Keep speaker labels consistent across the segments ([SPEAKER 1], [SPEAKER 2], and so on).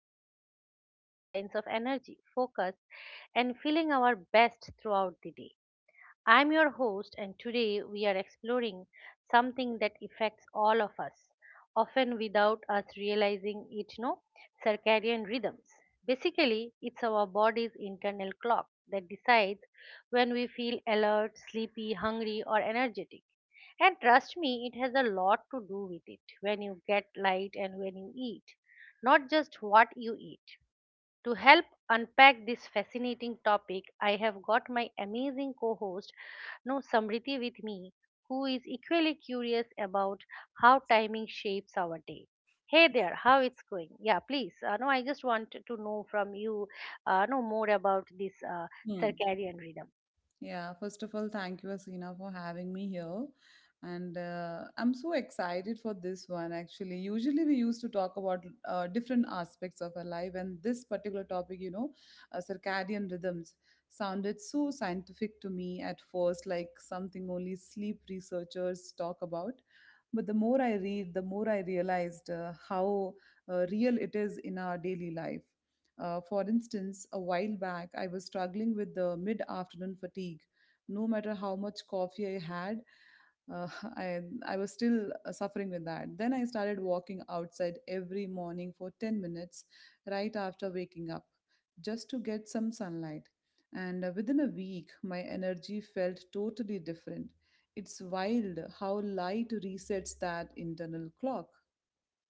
[SPEAKER 1] dive into the science of energy, focus, and feeling our best throughout the day. I'm your host, and today we are exploring something that affects all of us, often without us realizing it. No, circadian rhythms. Basically, it's our body's internal clock that decides when we feel alert, sleepy, hungry, or energetic. And trust me, it has a lot to do with it when you get light and when you eat, not just what you eat. To help unpack this fascinating topic, I have got my amazing co host, no Samriti, with me, who is equally curious about how timing shapes our day. Hey there, how it's going? Yeah, please. No, I just want to know from you, know more about this
[SPEAKER 2] Hmm.
[SPEAKER 1] circadian rhythm.
[SPEAKER 2] Yeah, first of all, thank you, Asina, for having me here. And I'm so excited for this one, actually. Usually, we used to talk about different aspects of our life, and this particular topic, circadian rhythms, sounded so scientific to me at first, like something only sleep researchers talk about. But the more I read, the more I realized how real it is in our daily life. For instance, a while back, I was struggling with the mid afternoon fatigue. No matter how much coffee I had, uh, I, I was still suffering with that. Then I started walking outside every morning for 10 minutes right after waking up just to get some sunlight. And within a week, my energy felt totally different. It's wild how light resets that internal clock.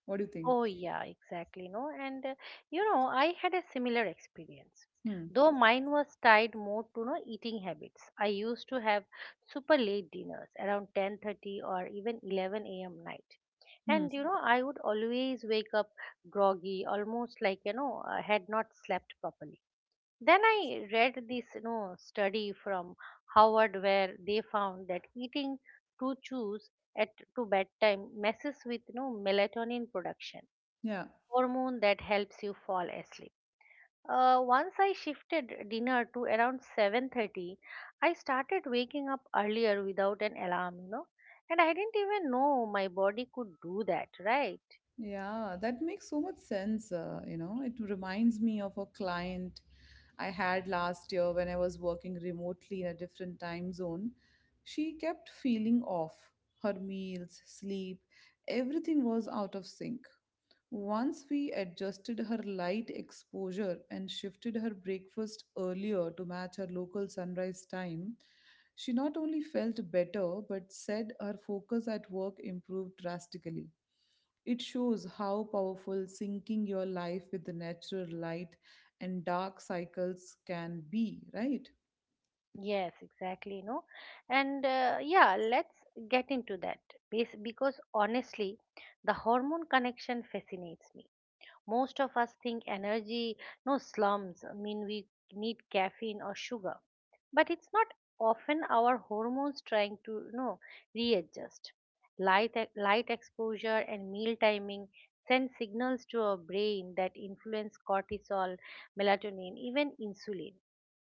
[SPEAKER 2] What do you think?
[SPEAKER 1] Oh, yeah, exactly. No, and I had a similar experience.
[SPEAKER 2] Hmm.
[SPEAKER 1] Though mine was tied more to no eating habits. I used to have super late dinners around 10:30 or even 11 a.m. night.
[SPEAKER 2] Hmm.
[SPEAKER 1] And I would always wake up groggy, almost like, I had not slept properly. Then I read this, study from Howard where they found that eating two chews at to bedtime messes with, melatonin production
[SPEAKER 2] Yeah.
[SPEAKER 1] hormone that helps you fall asleep. Once I shifted dinner to around 7:30, I started waking up earlier without an alarm. And I didn't even know my body could do that, right?
[SPEAKER 2] Yeah, that makes so much sense. You know, it reminds me of a client I had last year when I was working remotely in a different time zone. She kept feeling off. Her meals, sleep, everything was out of sync. Once we adjusted her light exposure and shifted her breakfast earlier to match her local sunrise time, she not only felt better but said her focus at work improved drastically. It shows how powerful syncing your life with the natural light and dark cycles can be, right?
[SPEAKER 1] Yes, exactly, And yeah, let's get into that because honestly, the hormone connection fascinates me. Most of us think energy, no slums, mean we need caffeine or sugar, but it's not often our hormones trying to readjust. Light exposure and meal timing send signals to our brain that influence cortisol, melatonin, even insulin.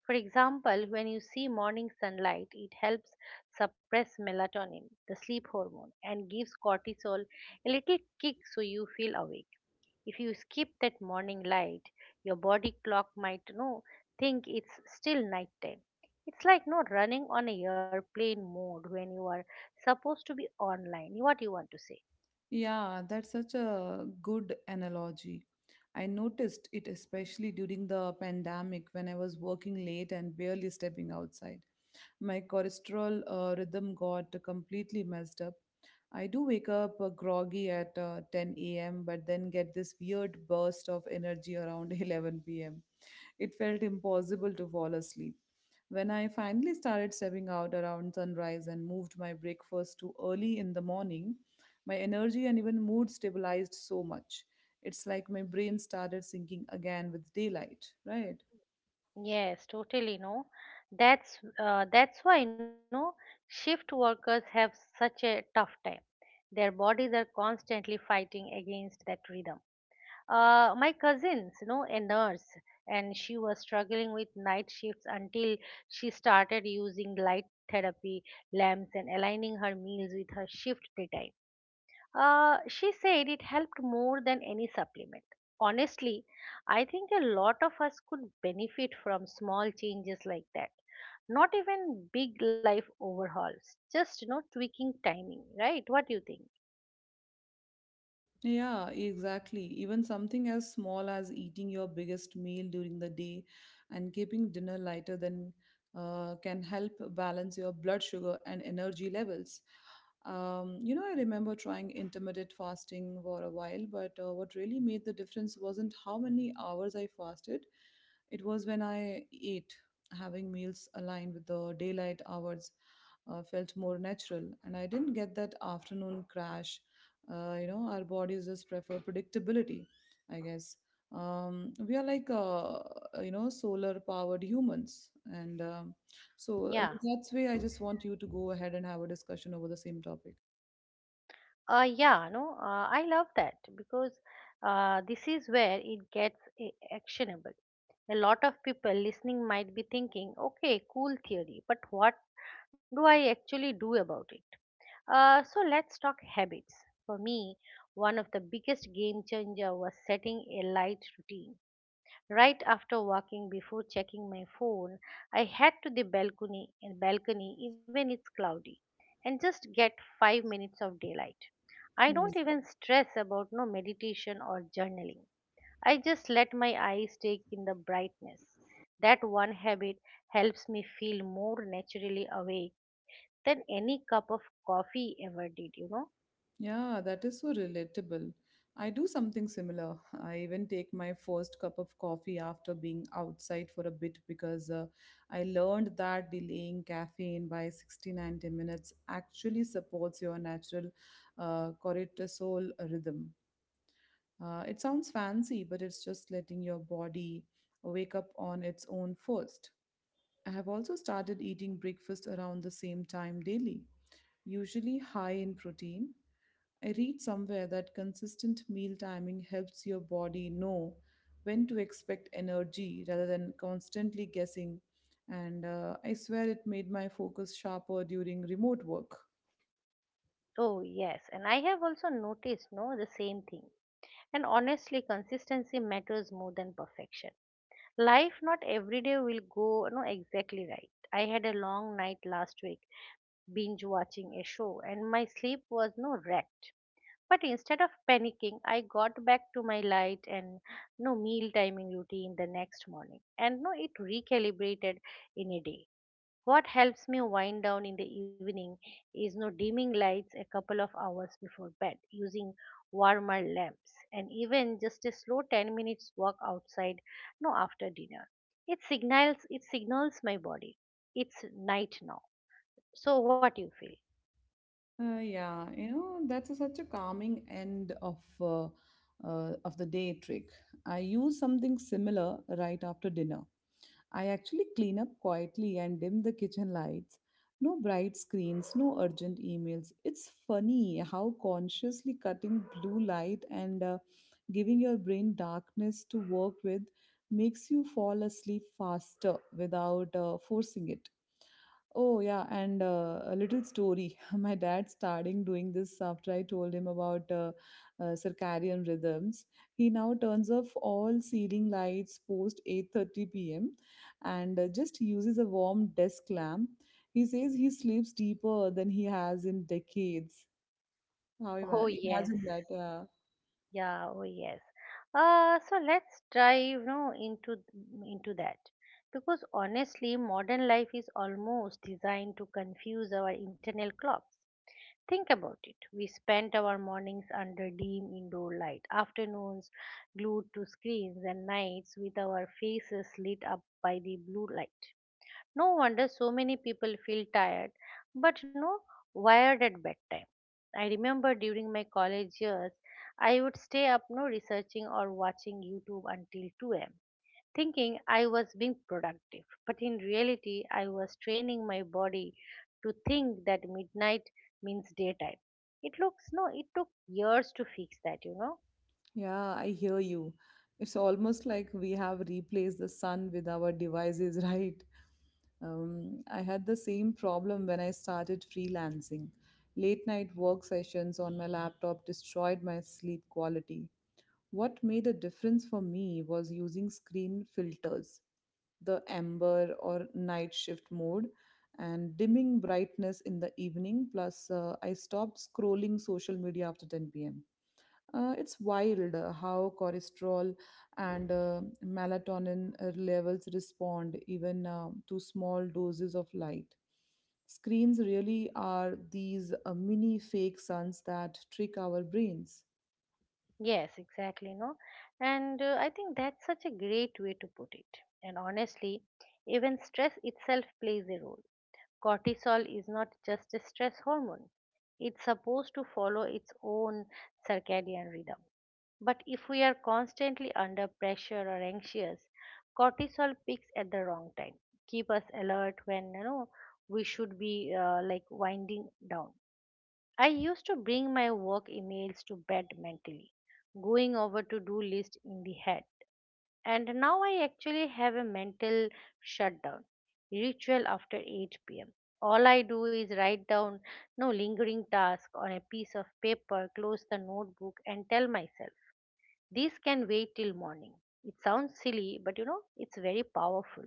[SPEAKER 1] For example, when you see morning sunlight, it helps suppress melatonin, the sleep hormone, and gives cortisol a little kick so you feel awake. If you skip that morning light, your body clock might no think it's still nighttime. It's like no running on a airplane mode when you are supposed to be online. What you want to say?
[SPEAKER 2] Yeah, that's such a good analogy. I noticed it especially during the pandemic when I was working late and barely stepping outside. My cholesterol rhythm got completely messed up. I do wake up groggy at 10 a.m., but then get this weird burst of energy around 11 p.m. It felt impossible to fall asleep. When I finally started stepping out around sunrise and moved my breakfast to early in the morning, my energy and even mood stabilized so much. It's like my brain started syncing again with daylight, right?
[SPEAKER 1] Yes, totally. No, that's why no shift workers have such a tough time. Their bodies are constantly fighting against that rhythm. My cousins, a nurse, and she was struggling with night shifts until she started using light therapy lamps and aligning her meals with her shift daytime. She said it helped more than any supplement. Honestly, I think a lot of us could benefit from small changes like that. Not even big life overhauls, just tweaking timing, right? What do you think?
[SPEAKER 2] Yeah, exactly. Even something as small as eating your biggest meal during the day and keeping dinner lighter than can help balance your blood sugar and energy levels. You know, I remember trying intermittent fasting for a while, but what really made the difference wasn't how many hours I fasted. It was when I ate, having meals aligned with the daylight hours felt more natural, and I didn't get that afternoon crash. You know, our bodies just prefer predictability, I guess. We are like you know, solar powered humans. And so
[SPEAKER 1] Yeah.
[SPEAKER 2] That's why I just want you to go ahead and have a discussion over the same topic.
[SPEAKER 1] Yeah, no, I love that because this is where it gets actionable. A lot of people listening might be thinking, okay, cool theory, but what do I actually do about it? So let's talk habits. For me, one of the biggest game changer was setting a light routine. Right after walking, before checking my phone, I head to the balcony, even it's cloudy, and just get 5 minutes of daylight. I don't even stress about no meditation or journaling. I just let my eyes take in the brightness. That one habit helps me feel more naturally awake than any cup of coffee ever did,
[SPEAKER 2] Yeah, that is so relatable. I do something similar. I even take my first cup of coffee after being outside for a bit because I learned that delaying caffeine by 60 90 minutes actually supports your natural cortisol rhythm. It sounds fancy, but it's just letting your body wake up on its own first. I have also started eating breakfast around the same time daily, usually high in protein. I read somewhere that consistent meal timing helps your body know when to expect energy rather than constantly guessing. And I swear it made my focus sharper during remote work.
[SPEAKER 1] Oh yes, and I have also noticed no the same thing. And honestly, consistency matters more than perfection. Life not every day will go no exactly right. I had a long night last week binge watching a show and my sleep was no wreck. But instead of panicking, I got back to my light and no meal timing routine the next morning and no it recalibrated in a day. What helps me wind down in the evening is no dimming lights a couple of hours before bed, using warmer lamps, and even just a slow 10 minutes walk outside no after dinner. It signals my body. It's night now. So what you feel?
[SPEAKER 2] Such a calming end of the day trick. I use something similar right after dinner. I actually clean up quietly and dim the kitchen lights. No bright screens, no urgent emails. It's funny how consciously cutting blue light and giving your brain darkness to work with makes you fall asleep faster without forcing it. Oh, yeah, and a little story. My dad starting doing this after I told him about circadian rhythms. He now turns off all ceiling lights post 8:30 p.m. and just uses a warm desk lamp. He says he sleeps deeper than he has in decades. How
[SPEAKER 1] Oh yes.
[SPEAKER 2] imagine that?
[SPEAKER 1] Yeah, oh yes. So let's dive into that. Because honestly, modern life is almost designed to confuse our internal clocks. Think about it. We spent our mornings under dim indoor light, afternoons glued to screens, and nights with our faces lit up by the blue light. No wonder so many people feel tired, but no wired at bedtime. I remember during my college years, I would stay up no researching or watching YouTube until 2 a.m thinking I was being productive. But in reality, I was training my body to think that midnight means daytime. It looks no, it took years to fix that,
[SPEAKER 2] Yeah, I hear you. It's almost like we have replaced the sun with our devices, right? I had the same problem when I started freelancing. Late night work sessions on my laptop destroyed my sleep quality. What made a difference for me was using screen filters, the amber or night shift mode, and dimming brightness in the evening. Plus, I stopped scrolling social media after 10 p.m. It's wild how cholesterol and melatonin levels respond even to small doses of light. Screens really are these mini fake suns that trick our brains.
[SPEAKER 1] Yes, exactly, no. And I think that's such a great way to put it. And honestly, even stress itself plays a role. Cortisol is not just a stress hormone. It's supposed to follow its own circadian rhythm. But if we are constantly under pressure or anxious, cortisol peaks at the wrong time. Keep us alert when we should be like winding down. I used to bring my work emails to bed mentally, going over to-do list in the head. And now I actually have a mental shutdown ritual after 8 p.m. All I do is write down no lingering task on a piece of paper, close the notebook, and tell myself this can wait till morning. It sounds silly, but it's very powerful.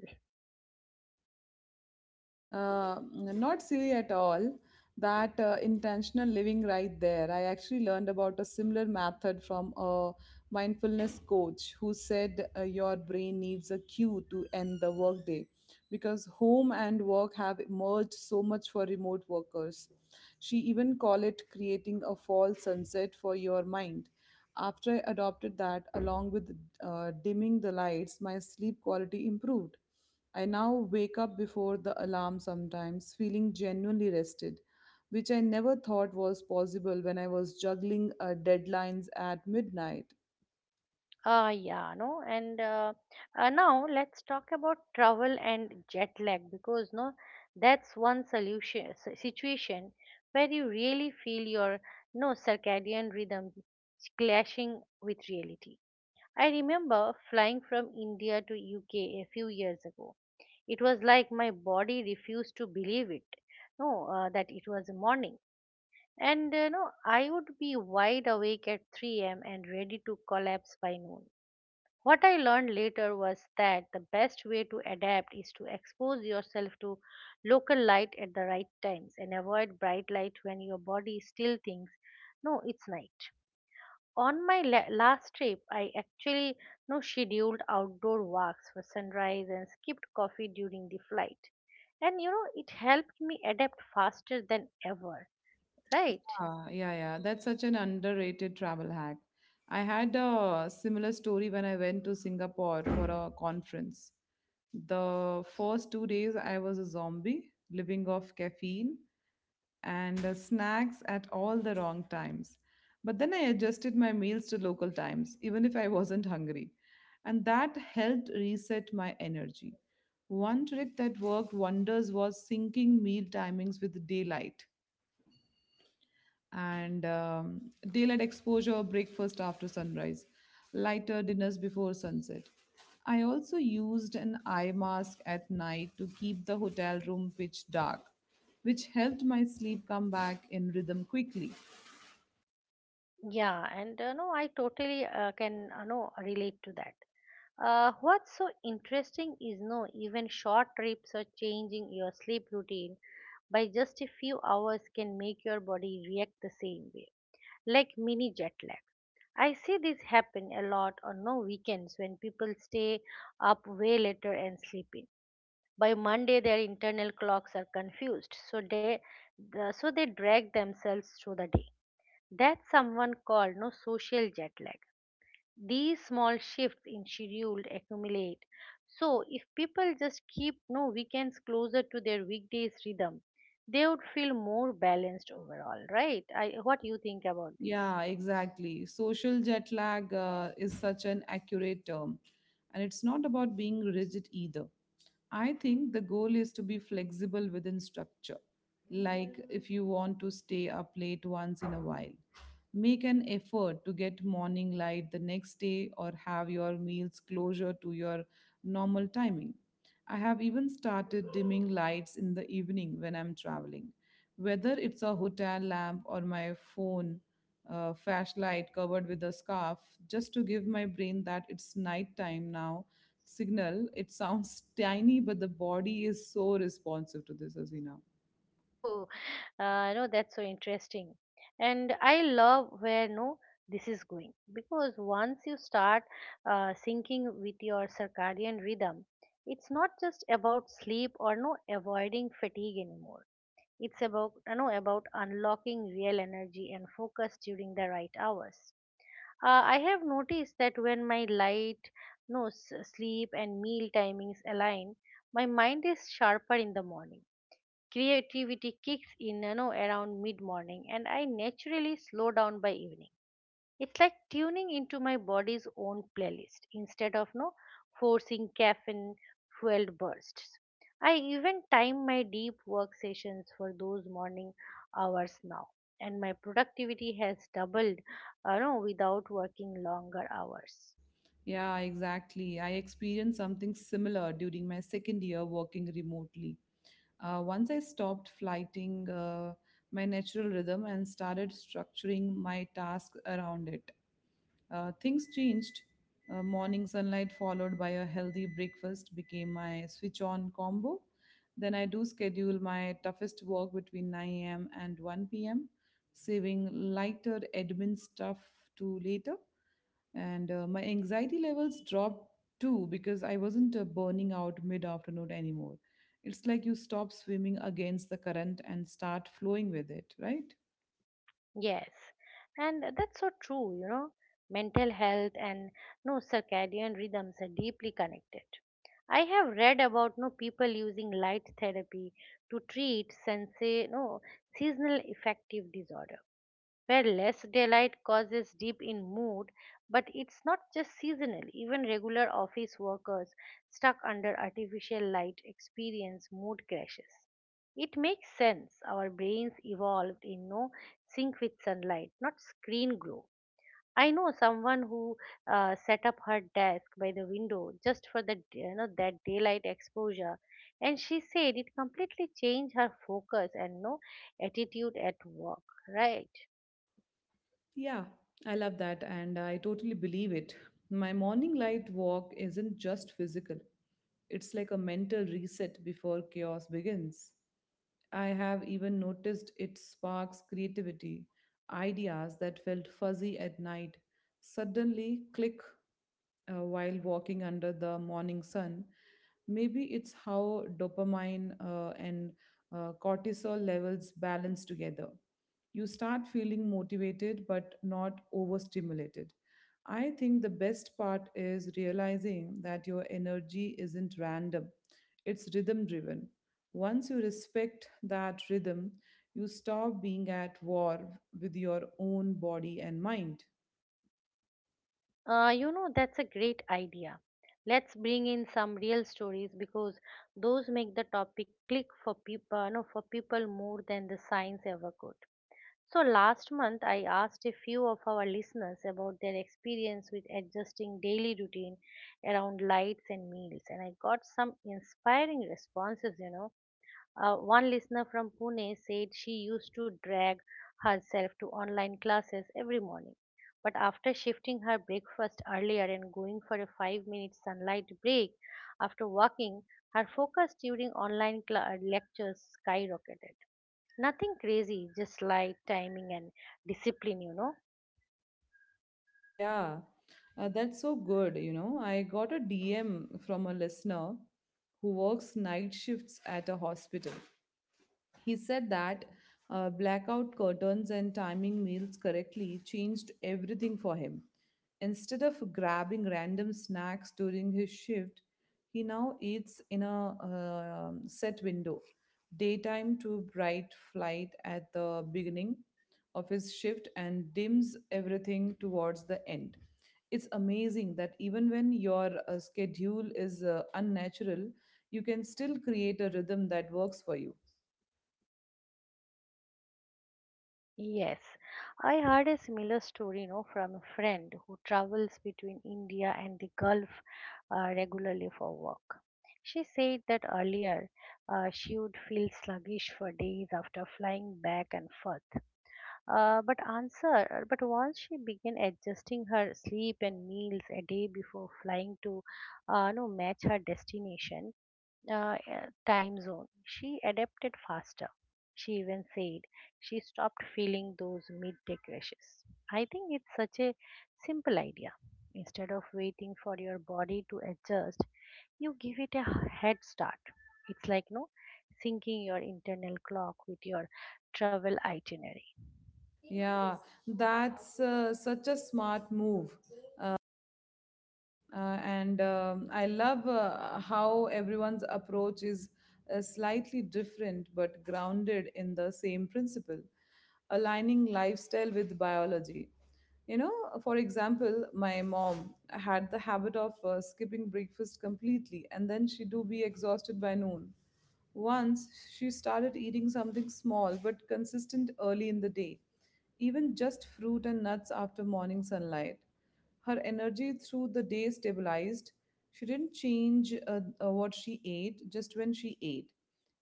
[SPEAKER 2] Not silly at all. That intentional living right there. I actually learned about a similar method from a mindfulness coach who said your brain needs a cue to end the workday because home and work have emerged so much for remote workers. She even called it creating a false sunset for your mind. After I adopted that, along with dimming the lights, my sleep quality improved. I now wake up before the alarm sometimes, feeling genuinely rested, which I never thought was possible when I was juggling deadlines at midnight.
[SPEAKER 1] Ah, yeah, no, and Now let's talk about travel and jet lag because no, that's one solution situation where you really feel your no circadian rhythm clashing with reality. I remember flying from India to UK a few years ago. It was like my body refused to believe it. No, that it was morning. And I would be wide awake at 3 a.m. and ready to collapse by noon. What I learned later was that the best way to adapt is to expose yourself to local light at the right times and avoid bright light when your body still thinks, no, it's night. On my last trip, I actually scheduled outdoor walks for sunrise and skipped coffee during the flight. And it helped me adapt faster than ever, right?
[SPEAKER 2] Ah, yeah, yeah. That's such an underrated travel hack. I had a similar story when I went to Singapore for a conference. The first 2 days, I was a zombie living off caffeine and snacks at all the wrong times. But then I adjusted my meals to local times, even if I wasn't hungry. And that helped reset my energy. One trick that worked wonders was syncing meal timings with daylight and daylight exposure, breakfast after sunrise, lighter dinners before sunset. I also used an eye mask at night to keep the hotel room pitch dark, which helped my sleep come back in rhythm quickly.
[SPEAKER 1] Yeah, and no, I totally can no relate to that. What's so interesting is no even short trips or changing your sleep routine by just a few hours can make your body react the same way, like mini jet lag. I see this happen a lot on no weekends when people stay up way later and sleep in. By Monday, their internal clocks are confused, so they drag themselves through the day that someone called no social jet lag. These small shifts in schedule accumulate, so if people just keep no weekends closer to their weekdays rhythm, they would feel more balanced overall, right? I what you think about this?
[SPEAKER 2] Yeah, exactly. Social jet lag is such an accurate term. And it's not about being rigid either. I think the goal is to be flexible within structure. Like if you want to stay up late once in a while, make an effort to get morning light the next day or have your meals closer to your normal timing. I have even started dimming lights in the evening when I'm traveling, whether it's a hotel lamp or my phone flashlight covered with a scarf, just to give my brain that "it's nighttime now" signal. It sounds tiny, but the body is so responsive to this, as
[SPEAKER 1] Oh, no, that's so interesting. And I love where no this is going because once you start syncing with your circadian rhythm, it's not just about sleep or no avoiding fatigue anymore. It's about about unlocking real energy and focus during the right hours. I have noticed that when my light, no sleep and meal timings align, my mind is sharper in the morning. Creativity kicks in, around mid morning, and I naturally slow down by evening. It's like tuning into my body's own playlist instead of no forcing caffeine fueled bursts. I even time my deep work sessions for those morning hours now, and my productivity has doubled, no, without working longer hours.
[SPEAKER 2] Yeah, exactly. I experienced something similar during my second year working remotely. Once I stopped flighting my natural rhythm and started structuring my tasks around it, things changed. Morning sunlight followed by a healthy breakfast became my switch on combo. Then I do schedule my toughest work between 9 a.m. and 1 p.m., saving lighter admin stuff to later. And My anxiety levels dropped too because I wasn't burning out mid afternoon anymore. It's like you stop swimming against the current and start flowing with it, right?
[SPEAKER 1] Yes, and that's so true, Mental health and no circadian rhythms are deeply connected. I have read about no people using light therapy to treat sense no seasonal affective disorder where less daylight causes dip in mood. But it's not just seasonal. Even regular office workers stuck under artificial light experience mood crashes. It makes sense, our brains evolved in no sync with sunlight, not screen glow. I know someone who set up her desk by the window just for the that daylight exposure, and she said it completely changed her focus and no attitude at work, right?
[SPEAKER 2] Yeah, I love that, and I totally believe it. My morning light walk isn't just physical, it's like a mental reset before chaos begins. I have even noticed it sparks creativity. Ideas that felt fuzzy at night suddenly click while walking under the morning sun. Maybe it's how dopamine and cortisol levels balance together. You start feeling motivated but not overstimulated. I think the best part is realizing that your energy isn't random, it's rhythm driven. Once you respect that rhythm, you stop being at war with your own body and mind.
[SPEAKER 1] That's a great idea. Let's bring in some real stories because those make the topic click for people, no, for people more than the science ever could. So last month, I asked a few of our listeners about their experience with adjusting daily routine around lights and meals, and I got some inspiring responses. One listener from Pune said she used to drag herself to online classes every morning. But after shifting her breakfast earlier and going for a 5-minute sunlight break after walking, her focus during online cla lectures skyrocketed. Nothing crazy, just light timing and discipline.
[SPEAKER 2] Yeah, that's so good. You know, I got a DM from a listener who works night shifts at a hospital. He said that blackout curtains and timing meals correctly changed everything for him. Instead of grabbing random snacks during his shift, he now eats in a set window, daytime to bright light at the beginning of his shift and dims everything towards the end. It's amazing that even when your schedule is unnatural, you can still create a rhythm that works for you.
[SPEAKER 1] Yes, I heard a similar story, from a friend who travels between India and the Gulf regularly for work. She said that earlier she would feel sluggish for days after flying back and forth. Uh, but answer, but once she began adjusting her sleep and meals a day before flying to, no, match her destination, uh, uh, time zone. She adapted faster. She even said she stopped feeling those midday crashes. I think it's such a simple idea. Instead of waiting for your body to adjust, you give it a head start. It's like no syncing your internal clock with your travel itinerary.
[SPEAKER 2] Yeah, that's such a smart move, and I love how everyone's approach is slightly different but grounded in the same principle: aligning lifestyle with biology. You know, for example, my mom had the habit of skipping breakfast completely, and then she do be exhausted by noon. Once she started eating something small but consistent early in the day, even just fruit and nuts after morning sunlight, her energy through the day stabilized. She didn't change what she ate, just when she ate.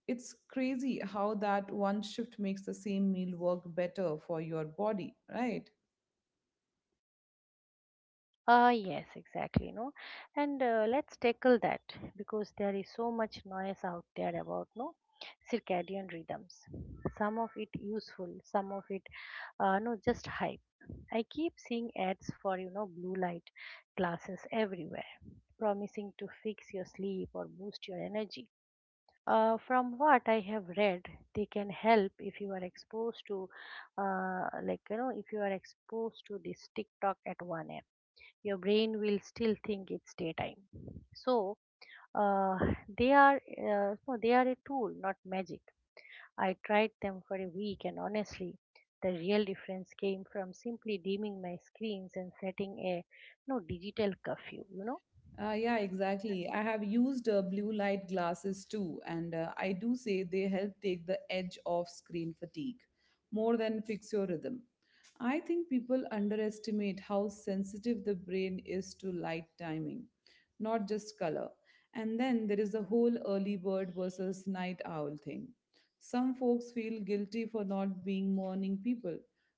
[SPEAKER 2] It's crazy how that one shift makes the same meal work better for your body, right?
[SPEAKER 1] Ah, yes, exactly. No, and let's tackle that because there is so much noise out there about no circadian rhythms. Some of it useful, some of it, no, just hype. I keep seeing ads for blue light glasses everywhere, promising to fix your sleep or boost your energy. From what I have read, they can help if you are exposed to, like if you are exposed to this TikTok at 1 a.m., your brain will still think it's daytime. So uh, they are a tool, not magic. I tried them for a week, and honestly, the real difference came from simply dimming my screens and setting a no digital curfew.
[SPEAKER 2] Yeah, exactly. I have used blue light glasses too, and I do say they help take the edge off screen fatigue more than fix your rhythm. I think people underestimate how sensitive the brain is to light timing, not just color. And then there is the whole early bird versus night owl thing. Some folks feel guilty for not being morning people,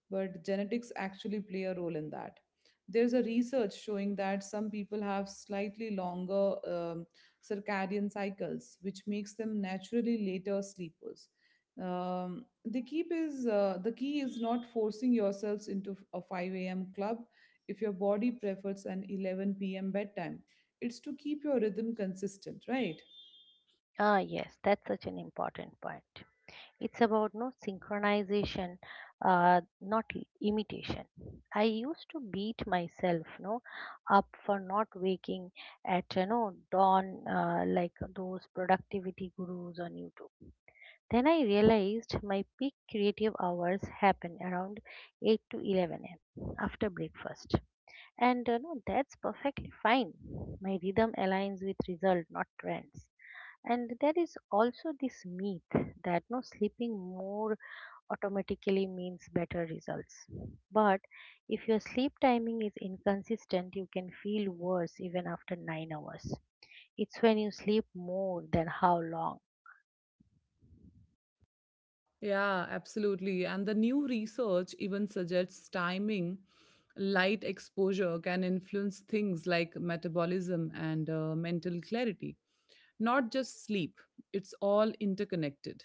[SPEAKER 2] but genetics actually play a role in that. There's a research showing that some people have slightly longer circadian cycles, which makes them naturally later sleepers. The key is not forcing yourselves into a 5 a.m. club if your body prefers an 11 p.m. bedtime. It's to keep your rhythm consistent, right?
[SPEAKER 1] Ah, yes, that's such an important point. It's about synchronization, not imitation. I used to beat myself up for not waking at dawn, like those productivity gurus on YouTube. Then I realized my peak creative hours happen around 8 to 11 a.m. after breakfast, and no that's perfectly fine. My rhythm aligns with result, not trends. And there is also this myth that no sleeping more automatically means better results. But if your sleep timing is inconsistent, you can feel worse even after 9 hours. It's when you sleep, more than how long.
[SPEAKER 2] Yeah, absolutely. And the new research even suggests timing, light exposure can influence things like metabolism and mental clarity, not just sleep. It's all interconnected.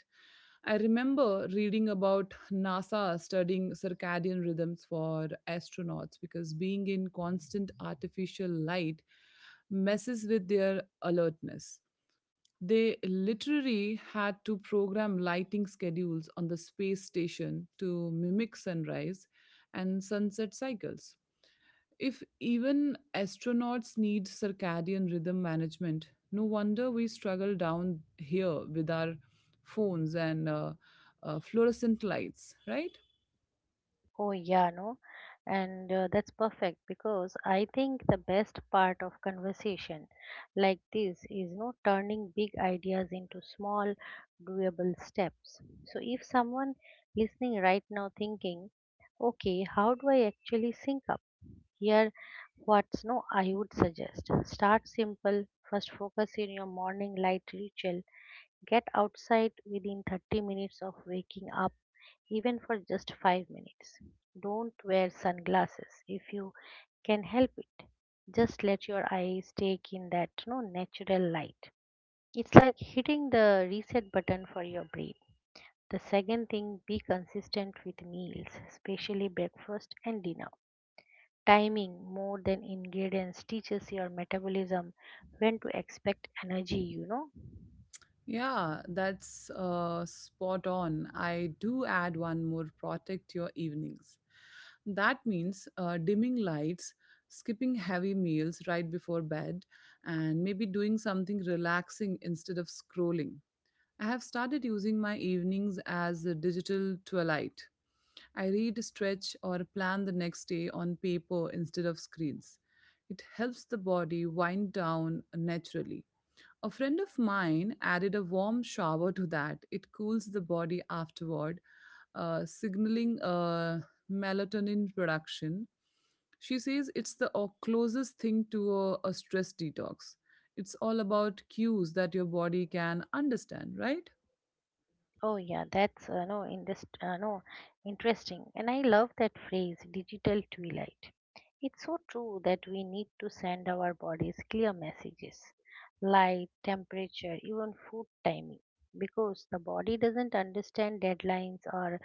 [SPEAKER 2] I remember reading about NASA studying circadian rhythms for astronauts because being in constant artificial light messes with their alertness. They literally had to program lighting schedules on the space station to mimic sunrise and sunset cycles. If even astronauts need circadian rhythm management, no wonder we struggle down here with our phones and fluorescent lights, right?
[SPEAKER 1] Oh, yeah, no? And that's perfect, because I think the best part of conversation like this is no turning big ideas into small, doable steps. So if someone listening right now thinking, okay, how do I actually sync up? Here, what's no, I would suggest start simple. First, focus in your morning light ritual. Get outside within 30 minutes of waking up, even for just 5 minutes. Don't wear sunglasses if you can help it. Just let your eyes take in that no natural light. It's like hitting the reset button for your brain. The second thing, be consistent with meals, especially breakfast and dinner. Timing, more than ingredients, teaches your metabolism when to expect energy.
[SPEAKER 2] Yeah, that's spot on. I do add one more: protect your evenings. That means dimming lights, skipping heavy meals right before bed, and maybe doing something relaxing instead of scrolling. I have started using my evenings as a digital twilight. I read, stretch, or plan the next day on paper instead of screens. It helps the body wind down naturally. A friend of mine added a warm shower to that. It cools the body afterward, signaling melatonin production. She says it's the closest thing to a stress detox. It's all about cues that your body can understand, right?
[SPEAKER 1] Oh yeah, that's no interest, no interesting. And I love that phrase, digital twilight. It's so true that we need to send our bodies clear messages, light, temperature, even food timing, because the body doesn't understand deadlines or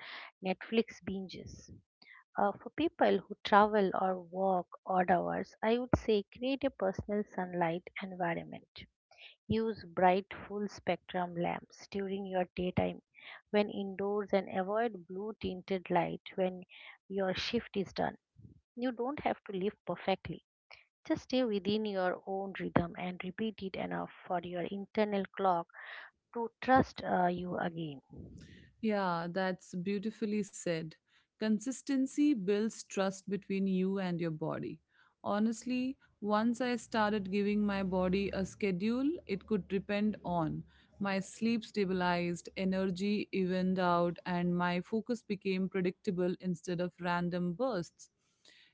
[SPEAKER 1] Netflix binges. For people who travel or walk odd hours, I would say create a personal sunlight environment. Use bright full spectrum lamps during your daytime when indoors, and avoid blue tinted light when your shift is done. You don't have to live perfectly. Just stay within your own rhythm and repeat it enough for your internal clock to trust you again.
[SPEAKER 2] Yeah, that's beautifully said. Consistency builds trust between you and your body. Honestly, once I started giving my body a schedule it could depend on, my sleep stabilized, energy evened out, and my focus became predictable instead of random bursts.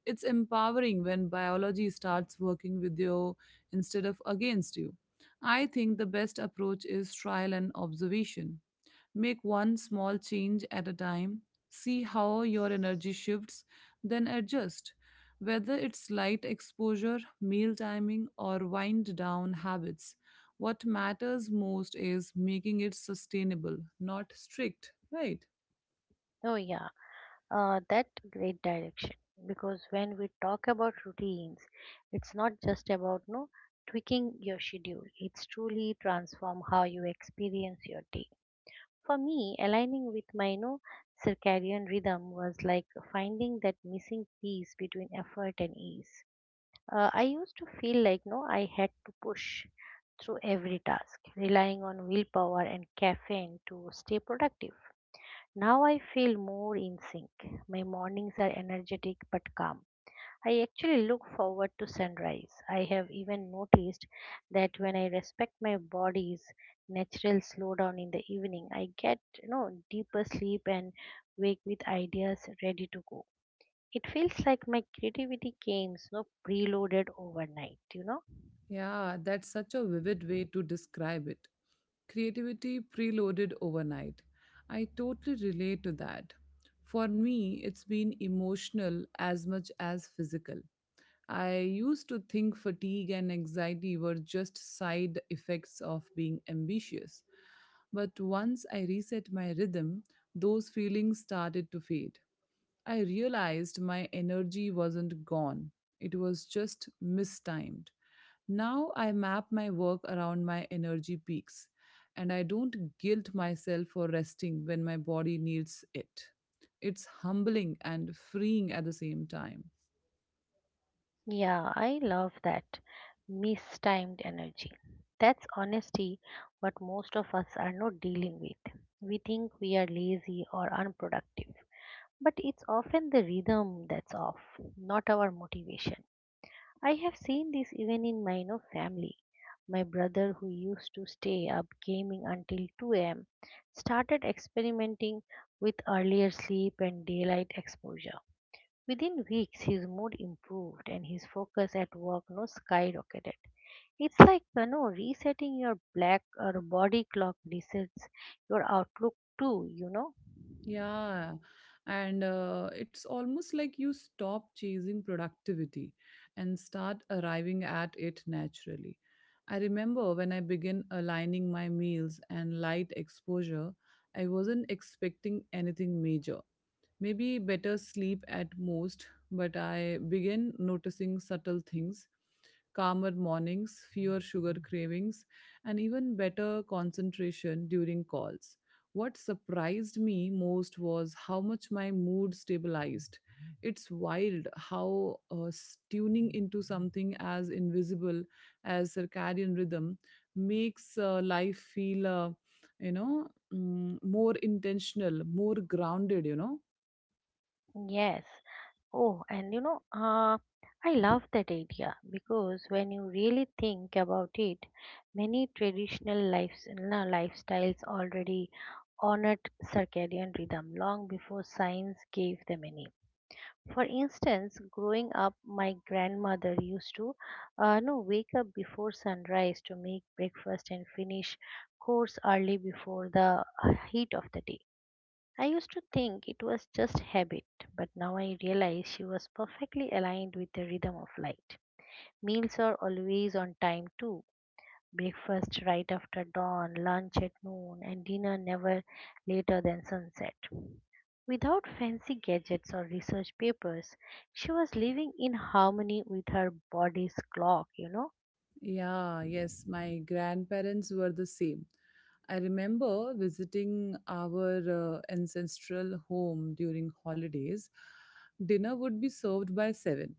[SPEAKER 2] It's empowering when biology starts working with you instead of against you. I think the best approach is trial and observation. Make one small change at a time, see how your energy shifts, then adjust. Whether it's light exposure, meal timing, or wind down habits, what matters most is making it sustainable, not strict, right?
[SPEAKER 1] Oh, yeah. That great direction, because when we talk about routines, it's not just about no tweaking your schedule. It's truly transform how you experience your day. For me, aligning with my no circadian rhythm was like finding that missing piece between effort and ease. I used to feel like no, I had to push through every task, relying on willpower and caffeine to stay productive. Now I feel more in sync. My mornings are energetic but calm. I actually look forward to sunrise. I have even noticed that when I respect my body's natural slowdown in the evening, I get, deeper sleep and wake with ideas ready to go. It feels like my creativity came, preloaded overnight.
[SPEAKER 2] Yeah, that's such a vivid way to describe it. Creativity preloaded overnight. I totally relate to that. For me, it's been emotional as much as physical. I used to think fatigue and anxiety were just side effects of being ambitious. But once I reset my rhythm, those feelings started to fade. I realized my energy wasn't gone, it was just mistimed. Now I map my work around my energy peaks and I don't guilt myself for resting when my body needs it. It's humbling and freeing at the same time.
[SPEAKER 1] Yeah, I love that. Mistimed energy. That's honesty what most of us are not dealing with. We think we are lazy or unproductive, but it's often the rhythm that's off, not our motivation. I have seen this even in my family. My brother, who used to stay up gaming until 2 a.m., started experimenting with earlier sleep and daylight exposure. Within weeks, his mood improved and his focus at work no skyrocketed. It's like resetting your black or body clock resets your outlook too.
[SPEAKER 2] Yeah, and it's almost like you stop chasing productivity and start arriving at it naturally. I remember when I began aligning my meals and light exposure, I wasn't expecting anything major. Maybe better sleep at most, but I began noticing subtle things: calmer mornings, fewer sugar cravings, and even better concentration during calls. What surprised me most was how much my mood stabilized. It's wild how tuning into something as invisible as circadian rhythm makes life feel, you know, more intentional, more grounded.
[SPEAKER 1] Yes. Oh, and I love that idea, because when you really think about it, many traditional lifestyles already honored circadian rhythm long before science gave them any. For instance, growing up, my grandmother used to no, wake up before sunrise to make breakfast and finish chores early before the heat of the day. I used to think it was just habit, but now I realize she was perfectly aligned with the rhythm of light. Meals are always on time too. Breakfast right after dawn, lunch at noon, and dinner never later than sunset. Without fancy gadgets or research papers, she was living in harmony with her body's clock.
[SPEAKER 2] Yeah, yes, my grandparents were the same. I remember visiting our ancestral home during holidays. Dinner would be served by 7,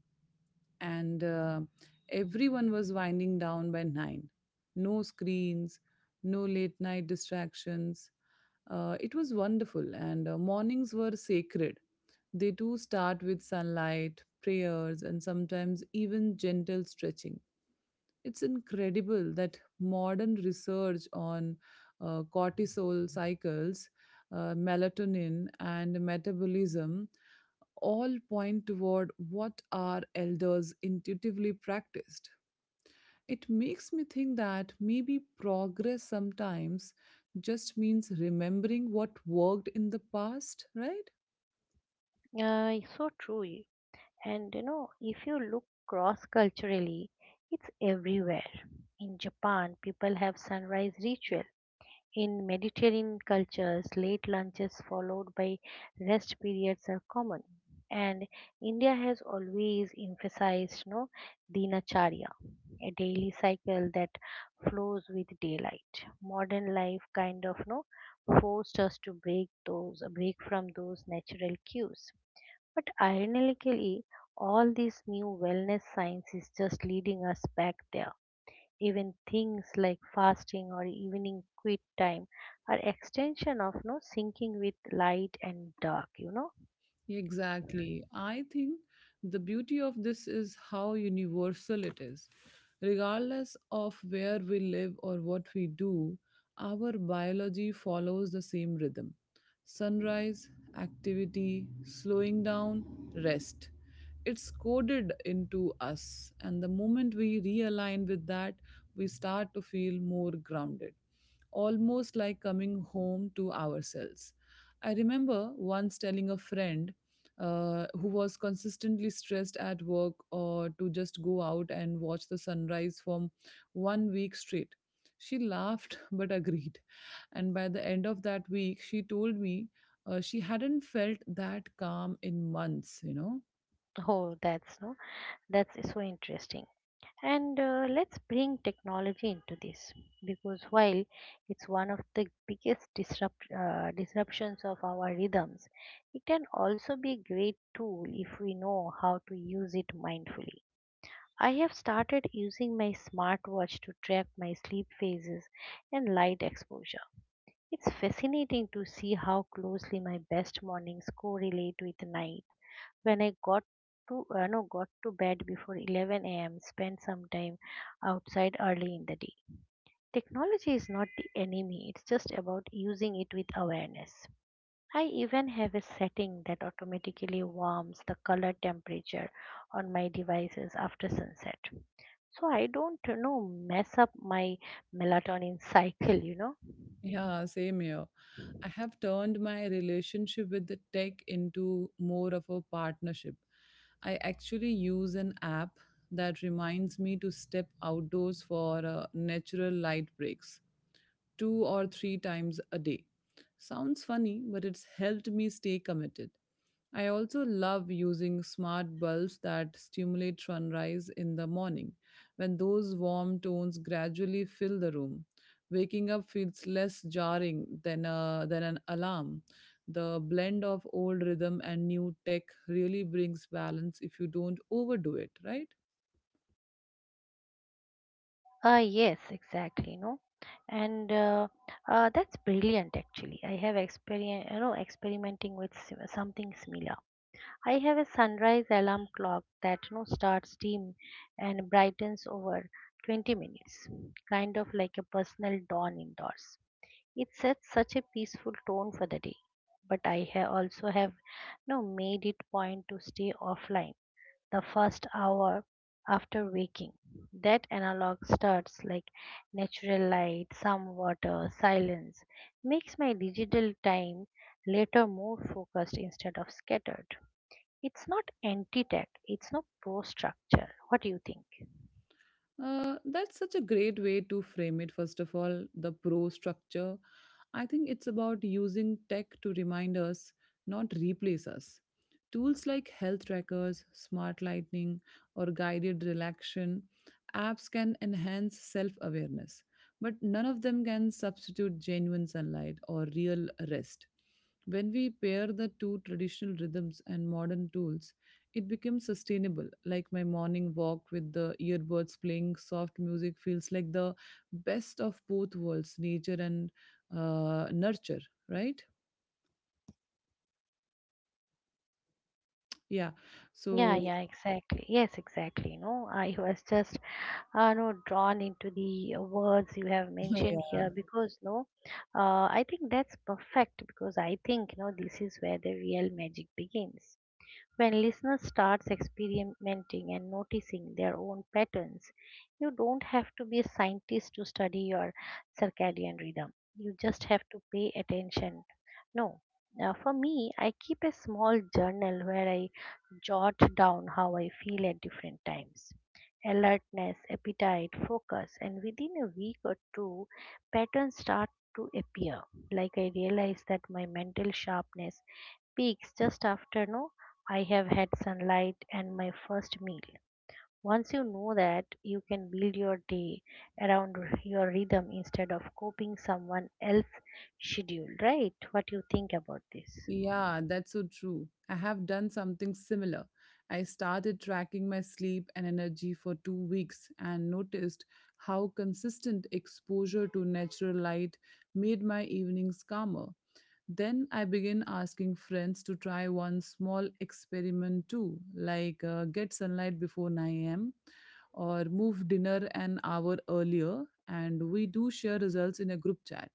[SPEAKER 2] and everyone was winding down by 9. No screens, no late night distractions. It was wonderful, and mornings were sacred. They too start with sunlight, prayers, and sometimes even gentle stretching. It's incredible that modern research on cortisol cycles, melatonin, and metabolism all point toward what our elders intuitively practiced. It makes me think that maybe progress sometimes just means remembering what worked in the past, right?
[SPEAKER 1] So true. And if you look cross culturally, it's everywhere. In Japan, people have sunrise rituals. In Mediterranean cultures, late lunches followed by rest periods are common, and India has always emphasized no dinacharya, a daily cycle that flows with daylight. Modern life kind of no forced us to break from those natural cues. But ironically, all this new wellness science is just leading us back there. Even things like fasting or evening quit time are extension of no syncing with light and dark.
[SPEAKER 2] Exactly. I think the beauty of this is how universal it is. Regardless of where we live or what we do, our biology follows the same rhythm: sunrise, activity, slowing down, rest. It's coded into us, and the moment we realign with that, we start to feel more grounded, almost like coming home to ourselves. I remember once telling a friend who was consistently stressed at work or to just go out and watch the sunrise for 1 week straight. She laughed but agreed. And by the end of that week, she told me she hadn't felt that calm in months, you know.
[SPEAKER 1] Oh, that's no, that's so interesting. And let's bring technology into this, because while it's one of the biggest disruptions of our rhythms, it can also be a great tool if we know how to use it mindfully. I have started using my smartwatch to track my sleep phases and light exposure. It's fascinating to see how closely my best mornings correlate with night. When I got to no, got to bed before 11 a.m., spent some time outside early in the day. Technology is not the enemy, it's just about using it with awareness. I even have a setting that automatically warms the color temperature on my devices after sunset, so I don't mess up my melatonin cycle.
[SPEAKER 2] Yeah, same here. I have turned my relationship with the tech into more of a partnership. I actually use an app that reminds me to step outdoors for natural light breaks two or three times a day. Sounds funny, but it's helped me stay committed. I also love using smart bulbs that stimulate sunrise in the morning, when those warm tones gradually fill the room. Waking up feels less jarring than than an alarm. The blend of old rhythm and new tech really brings balance if you don't overdo it, right?
[SPEAKER 1] Yes, exactly. And that's brilliant actually. I have experimenting with something similar. I have a sunrise alarm clock that starts dim and brightens over 20 minutes, kind of like a personal dawn indoors. It sets such a peaceful tone for the day. But I also have no made it point to stay offline the first hour after waking. That analog starts, like natural light, some water, silence, makes my digital time later more focused instead of scattered. It's not anti-tech, it's no pro structure. What do you think?
[SPEAKER 2] That's such a great way to frame it. First of all, the pro structure. I think it's about using tech to remind us, not replace us. Tools like health trackers, smart lighting, or guided relaxation apps can enhance self awareness, but none of them can substitute genuine sunlight or real rest. When we pair the two traditional rhythms and modern tools, it becomes sustainable. Like my morning walk with the earbuds playing soft music feels like the best of both worlds, nature and nurture, right? Yeah.
[SPEAKER 1] Yeah,
[SPEAKER 2] So,
[SPEAKER 1] yeah, exactly. Yes, exactly. No, I was just no drawn into the words you have mentioned
[SPEAKER 2] yeah,
[SPEAKER 1] here because no I think that's perfect, because I think no, this is where the real magic begins, when listeners starts experimenting and noticing their own patterns. You don't have to be a scientist to study your circadian rhythm. You just have to pay attention. No. Now for me, I keep a small journal where I jot down how I feel at different times. Alertness, appetite, focus, and within a week or two, patterns start to appear. Like, I realize that my mental sharpness peaks just after no I have had sunlight and my first meal. Once you know that, you can build your day around your rhythm instead of copying someone else's schedule, right? What you think about this?
[SPEAKER 2] yeah, that's so true. I have done something similar. I started tracking my sleep and energy for 2 weeks and noticed how consistent exposure to natural light made my evenings calmer. Then I begin asking friends to try one small experiment too, like get sunlight before 9 a.m. or move dinner an hour earlier. And we do share results in a group chat.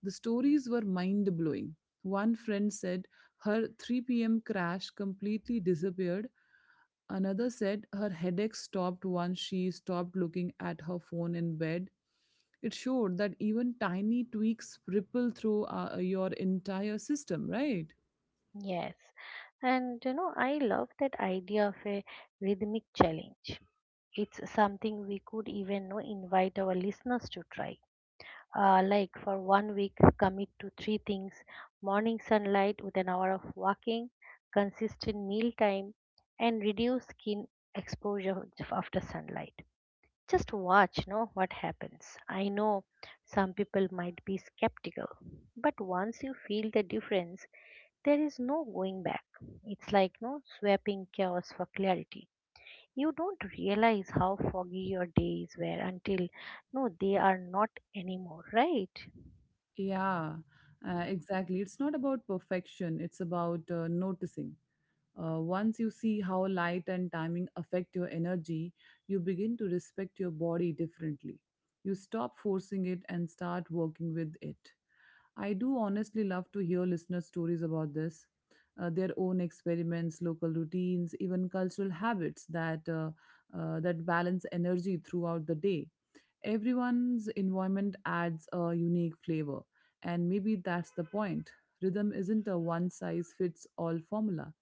[SPEAKER 2] The stories were mind blowing. One friend said her 3 p.m. crash completely disappeared. Another said her headache stopped once she stopped looking at her phone in bed. It showed that even tiny tweaks ripple through your entire system, right?
[SPEAKER 1] Yes. And I love that idea of a rhythmic challenge. It's something we could even invite our listeners to try, like, for one week commit to three things: morning sunlight with an hour of walking, consistent meal time, and reduce skin exposure after sunlight. Just watch know what happens. I know some people might be skeptical, but once you feel the difference, there is no going back. It's like no swapping chaos for clarity. You don't realize how foggy your days were until no they are not anymore, right?
[SPEAKER 2] Yeah, exactly. It's not about perfection, it's about noticing. Once you see how light and timing affect your energy, you begin to respect your body differently. You stop forcing it and start working with it. I do honestly love to hear listener stories about this, their own experiments, local routines, even cultural habits that that balance energy throughout the day. Everyone's environment adds a unique flavor, and maybe that's the point. Rhythm isn't a one size fits all formula,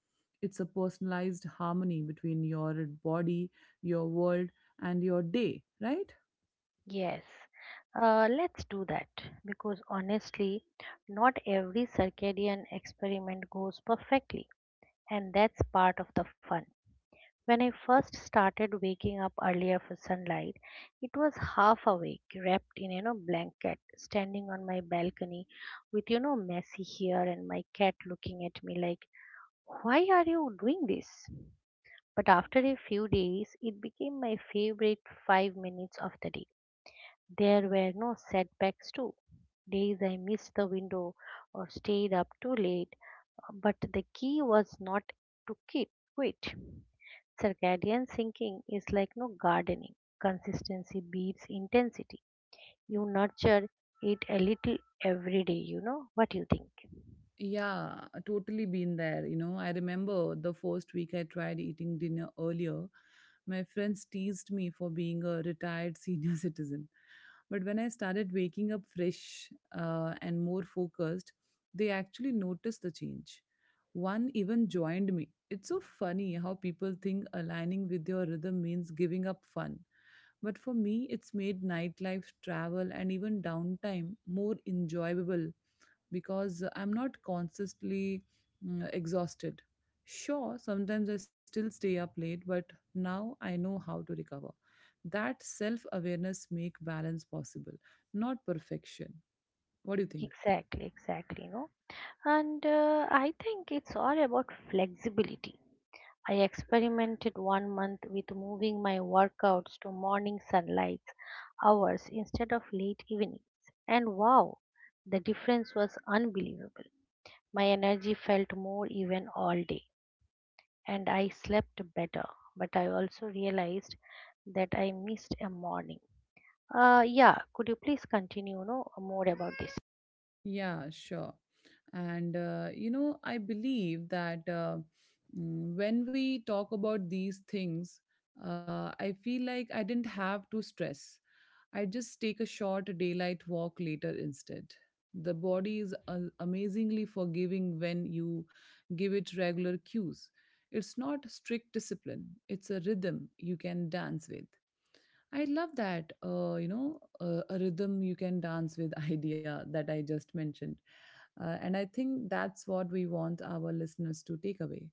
[SPEAKER 2] it's a personalized harmony between your body, your world, and your day, right?
[SPEAKER 1] Yes, let's do that, because honestly, not every circadian experiment goes perfectly, and that's part of the fun. When I first started waking up earlier for sunlight, it was half awake, wrapped in blanket, standing on my balcony with messy hair and my cat looking at me like, "Why are you doing this?" But after a few days, it became my favorite 5 minutes of the day. There were no setbacks too. Days I missed the window or stayed up too late, but the key was not to quit. Circadian syncing is like no gardening. Consistency beats intensity. You nurture it a little every day, you know. What do you think?
[SPEAKER 2] Yeah, totally been there. You know, I remember the first week I tried eating dinner earlier, my friends teased me for being a retired senior citizen. But when I started waking up fresh and more focused, they actually noticed the change. One even joined me. It's so funny how people think aligning with your rhythm means giving up fun. But for me, it's made nightlife, travel, and even downtime more enjoyable because I'm not constantly exhausted. Sure, sometimes I still stay up late, but now I know how to recover. That self awareness make balance possible, not perfection. What do you think?
[SPEAKER 1] Exactly, exactly, no. And I think it's all about flexibility. I experimented one month with moving my workouts to morning sunlight hours instead of late evenings. And wow, the difference was unbelievable. My energy felt more even all day, and I slept better. But I also realized that I missed a morning. Yeah, could you please continue, no, more about this?
[SPEAKER 2] Yeah, sure. And I believe that when we talk about these things, I feel like I didn't have to stress. I just take a short daylight walk later instead. The body is amazingly forgiving when you give it regular cues. It's not strict discipline, it's a rhythm you can dance with. I love that, a rhythm you can dance with idea that I just mentioned. And I think that's what we want our listeners to take away.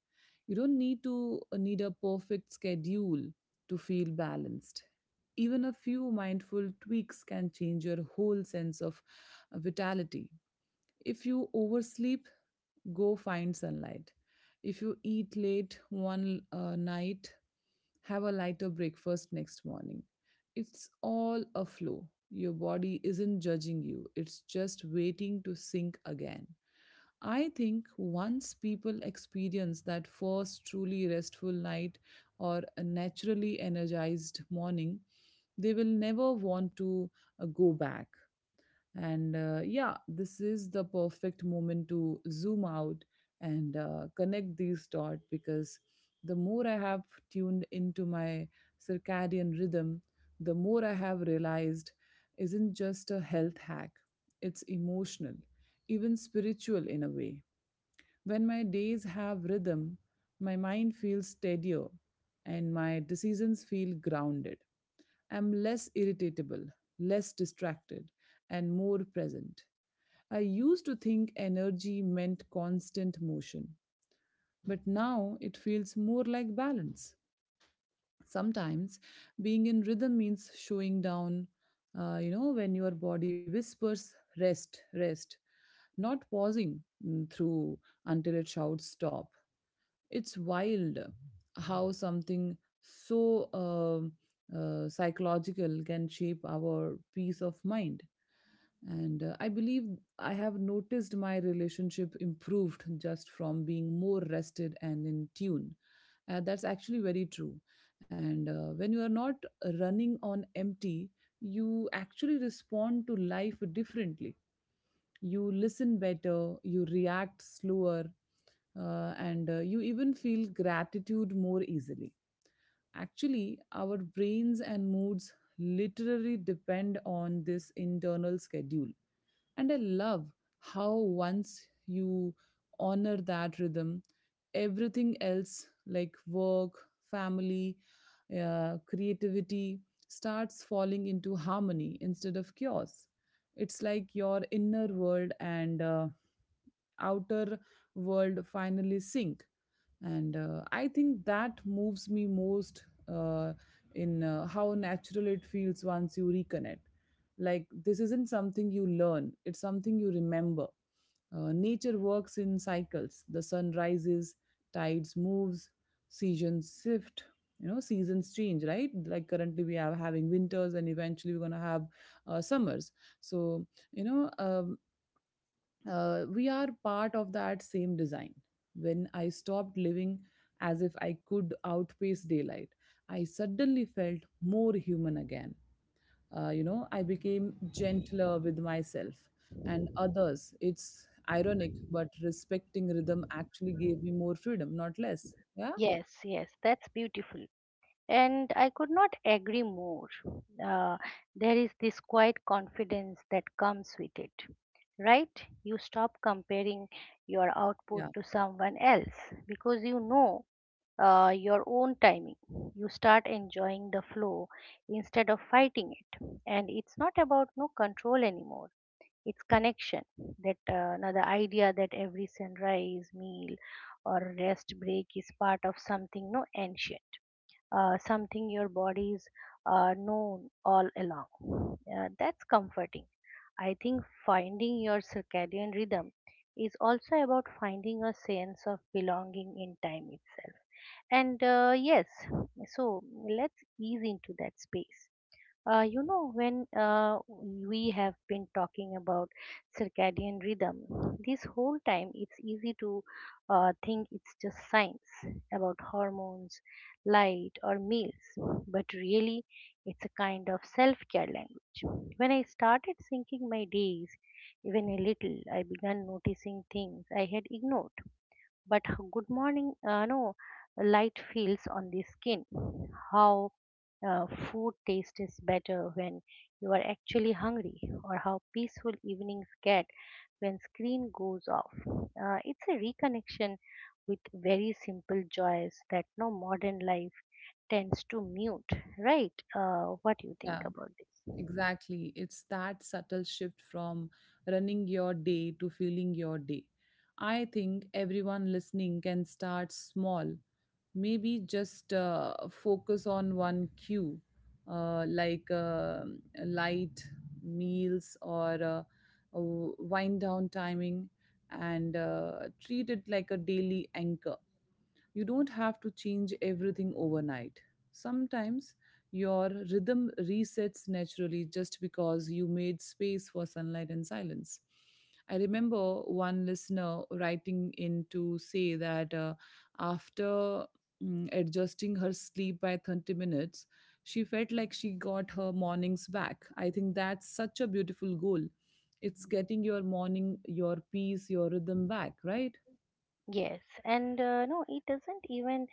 [SPEAKER 2] You don't need to need a perfect schedule to feel balanced. Even a few mindful tweaks can change your whole sense of vitality. If you oversleep, go find sunlight. If you eat late one night, have a lighter breakfast next morning. It's all a flow. Your body isn't judging you, it's just waiting to sink again. I think once people experience that first truly restful night or a naturally energized morning, they will never want to go back. And yeah, this is the perfect moment to zoom out and connect these dots because the more I have tuned into my circadian rhythm, the more I have realized isn't just a health hack, it's emotional, even spiritual in a way. When my days have rhythm, my mind feels steadier and my decisions feel grounded. I'm less irritatable, less distracted, and more present. I used to think energy meant constant motion, but now it feels more like balance. Sometimes being in rhythm means showing down, when your body whispers, rest, rest, not pausing through until it shouts stop. It's wild how something so psychological can shape our peace of mind. And I believe I have noticed my relationship improved just from being more rested and in tune. That's actually very true. And when you are not running on empty, you actually respond to life differently. You listen better, you react slower, and you even feel gratitude more easily. Actually, our brains and moods literally depend on this internal schedule. And I love how once you honor that rhythm, everything else like work, family, creativity starts falling into harmony instead of chaos. It's like your inner world and outer world finally sync, and I think that moves me most uh, in how natural it feels once you reconnect. Like, this isn't something you learn, it's something you remember. Nature works in cycles. The sun rises, tides moves, seasons shift. You know, seasons change, right? Like currently we are having winters and eventually we're going to have summers. So, you know, we are part of that same design. When I stopped living as if I could outpace daylight, I suddenly felt more human again. You know, I became gentler with myself and others. It's ironic, but respecting rhythm actually gave me more freedom, not less. Yeah.
[SPEAKER 1] Yes, yes, that's beautiful. And I could not agree more. Uh, there is this quiet confidence that comes with it, right? You stop comparing your output
[SPEAKER 2] Yeah,
[SPEAKER 1] to someone else because you know your own timing. You start enjoying the flow instead of fighting it. And it's not about no control anymore. It's connection. That Now the idea that every sunrise, meal, or rest break is part of something no ancient, something your body's known all along. That's comforting. I think finding your circadian rhythm is also about finding a sense of belonging in time itself. And yes, so let's ease into that space. You know, when we have been talking about circadian rhythm this whole time, it's easy to think it's just science about hormones, light, or meals, but really, it's a kind of self care language. When I started thinking my days, even a little, I began noticing things I had ignored, but good morning, no, light feels on the skin, how food taste is better when you are actually hungry, or how peaceful evenings get when screen goes off. It's a reconnection with very simple joys that no modern life tends to mute, right? What do you think
[SPEAKER 2] yeah,
[SPEAKER 1] about this?
[SPEAKER 2] exactly. It's that subtle shift from running your day to feeling your day. I think everyone listening can start small, maybe just focus on one cue, like light, meals, or a wind down timing, and treat it like a daily anchor. You don't have to change everything overnight. Sometimes your rhythm resets naturally just because you made space for sunlight and silence. I remember one listener writing in to say that after adjusting her sleep by 30 minutes, she felt like she got her mornings back. I think that's such a beautiful goal. It's getting your morning, your peace, your rhythm back, right?
[SPEAKER 1] Yes, and no, it doesn't even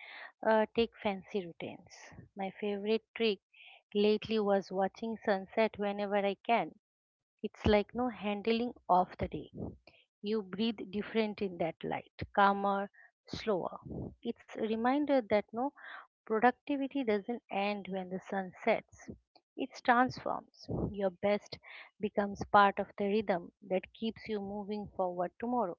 [SPEAKER 1] take fancy routines. My favorite trick lately was watching sunset whenever I can. It's like no handling of the day. You breathe different in that light, calmer, slower. It's a reminder that no productivity doesn't end when the sun sets. It transforms. Your best becomes part of the rhythm that keeps you moving forward tomorrow.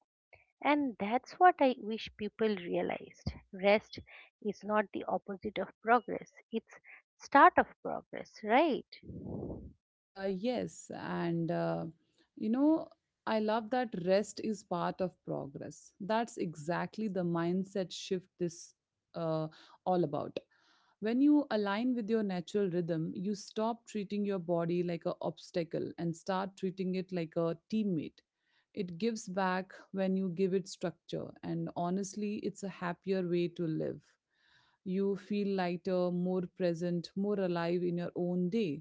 [SPEAKER 1] And that's what I wish people realized. Rest is not the opposite of progress. It's start of progress, right?
[SPEAKER 2] Yes, and you know, I love that rest is part of progress. That's exactly the mindset shift this uh, all about. When you align with your natural rhythm, you stop treating your body like an obstacle and start treating it like a teammate. It gives back when you give it structure, and honestly, it's a happier way to live. You feel lighter, more present, more alive in your own day.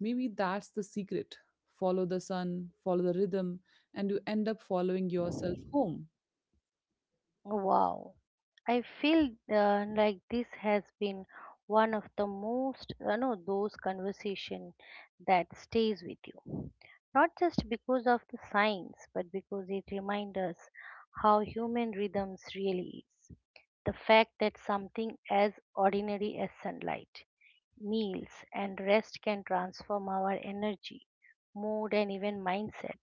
[SPEAKER 2] Maybe that's the secret. Follow the sun, follow the rhythm, and you end up following yourself home.
[SPEAKER 1] Wow. I feel like this has been one of the most, you know, those conversation that stays with you. Not just because of the science, but because it reminds us how human rhythms really is. The fact that something as ordinary as sunlight, meals, and rest can transform our energy, mood, and even mindset.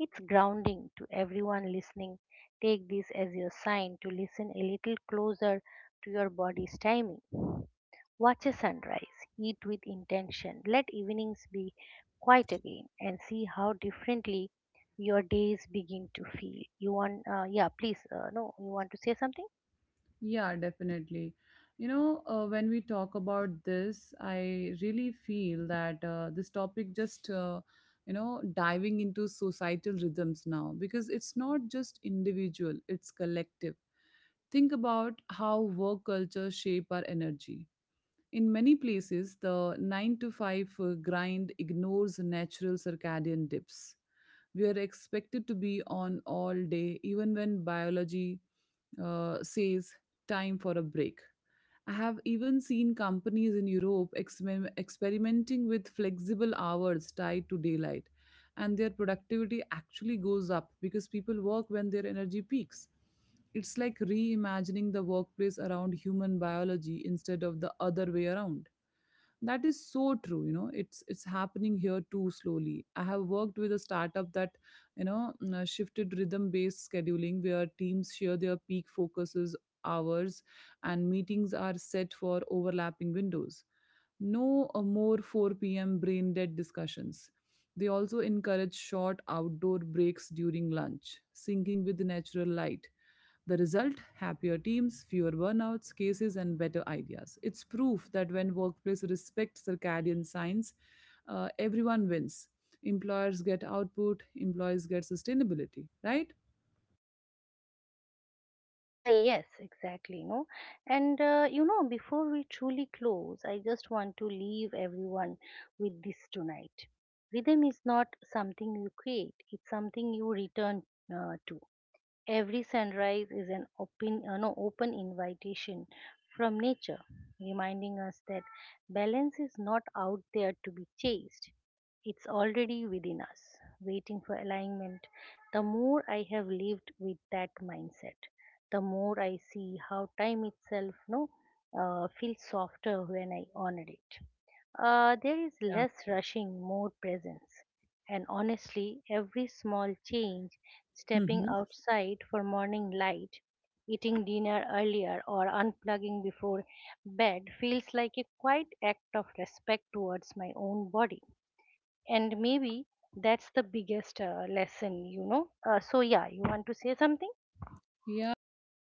[SPEAKER 1] It's grounding to everyone listening. Take this as your sign to listen a little closer to your body's timing. Watch a sunrise, eat with intention, let evenings be quiet again, and see how differently your days begin to feel. You want, yeah, please, no, you want to say something?
[SPEAKER 2] Yeah, definitely. You know, when we talk about this, I really feel that this topic just, you know, diving into societal rhythms now because it's not just individual, it's collective. Think about how work cultures shape our energy. In many places, the 9 to 5 grind ignores natural circadian dips. We are expected to be on all day, even when biology says time for a break. I have even seen companies in Europe experimenting with flexible hours tied to daylight, and their productivity actually goes up because people work when their energy peaks. It's like reimagining the workplace around human biology instead of the other way around. That is so true. You know, it's happening here too, slowly. I have worked with a startup that, you know, shifted rhythm based scheduling where teams share their peak focuses hours and meetings are set for overlapping windows. No more 4 p.m. brain dead discussions. They also encourage short outdoor breaks during lunch, syncing with the natural light. The result: happier teams, fewer burnouts, cases, and better ideas. It's proof that when workplace respects circadian signs, everyone wins. Employers get output, employees get sustainability, right?
[SPEAKER 1] Yes, exactly. No, and you know, before we truly close, I just want to leave everyone with this tonight. Rhythm is not something you create; it's something you return to. Every sunrise is an open, no, open invitation from nature, reminding us that balance is not out there to be chased. It's already within us, waiting for alignment. The more I have lived with that mindset, the more I see how time itself no, feels softer when I honor it. There is
[SPEAKER 2] Yeah.
[SPEAKER 1] less rushing, more presence. And honestly, every small change, stepping
[SPEAKER 2] Mhm.
[SPEAKER 1] outside for morning light, eating dinner earlier, or unplugging before bed, feels like a quiet act of respect towards my own body. And maybe that's the biggest lesson, you know. So, yeah, you want to say something?
[SPEAKER 2] Yeah, yeah, yeah,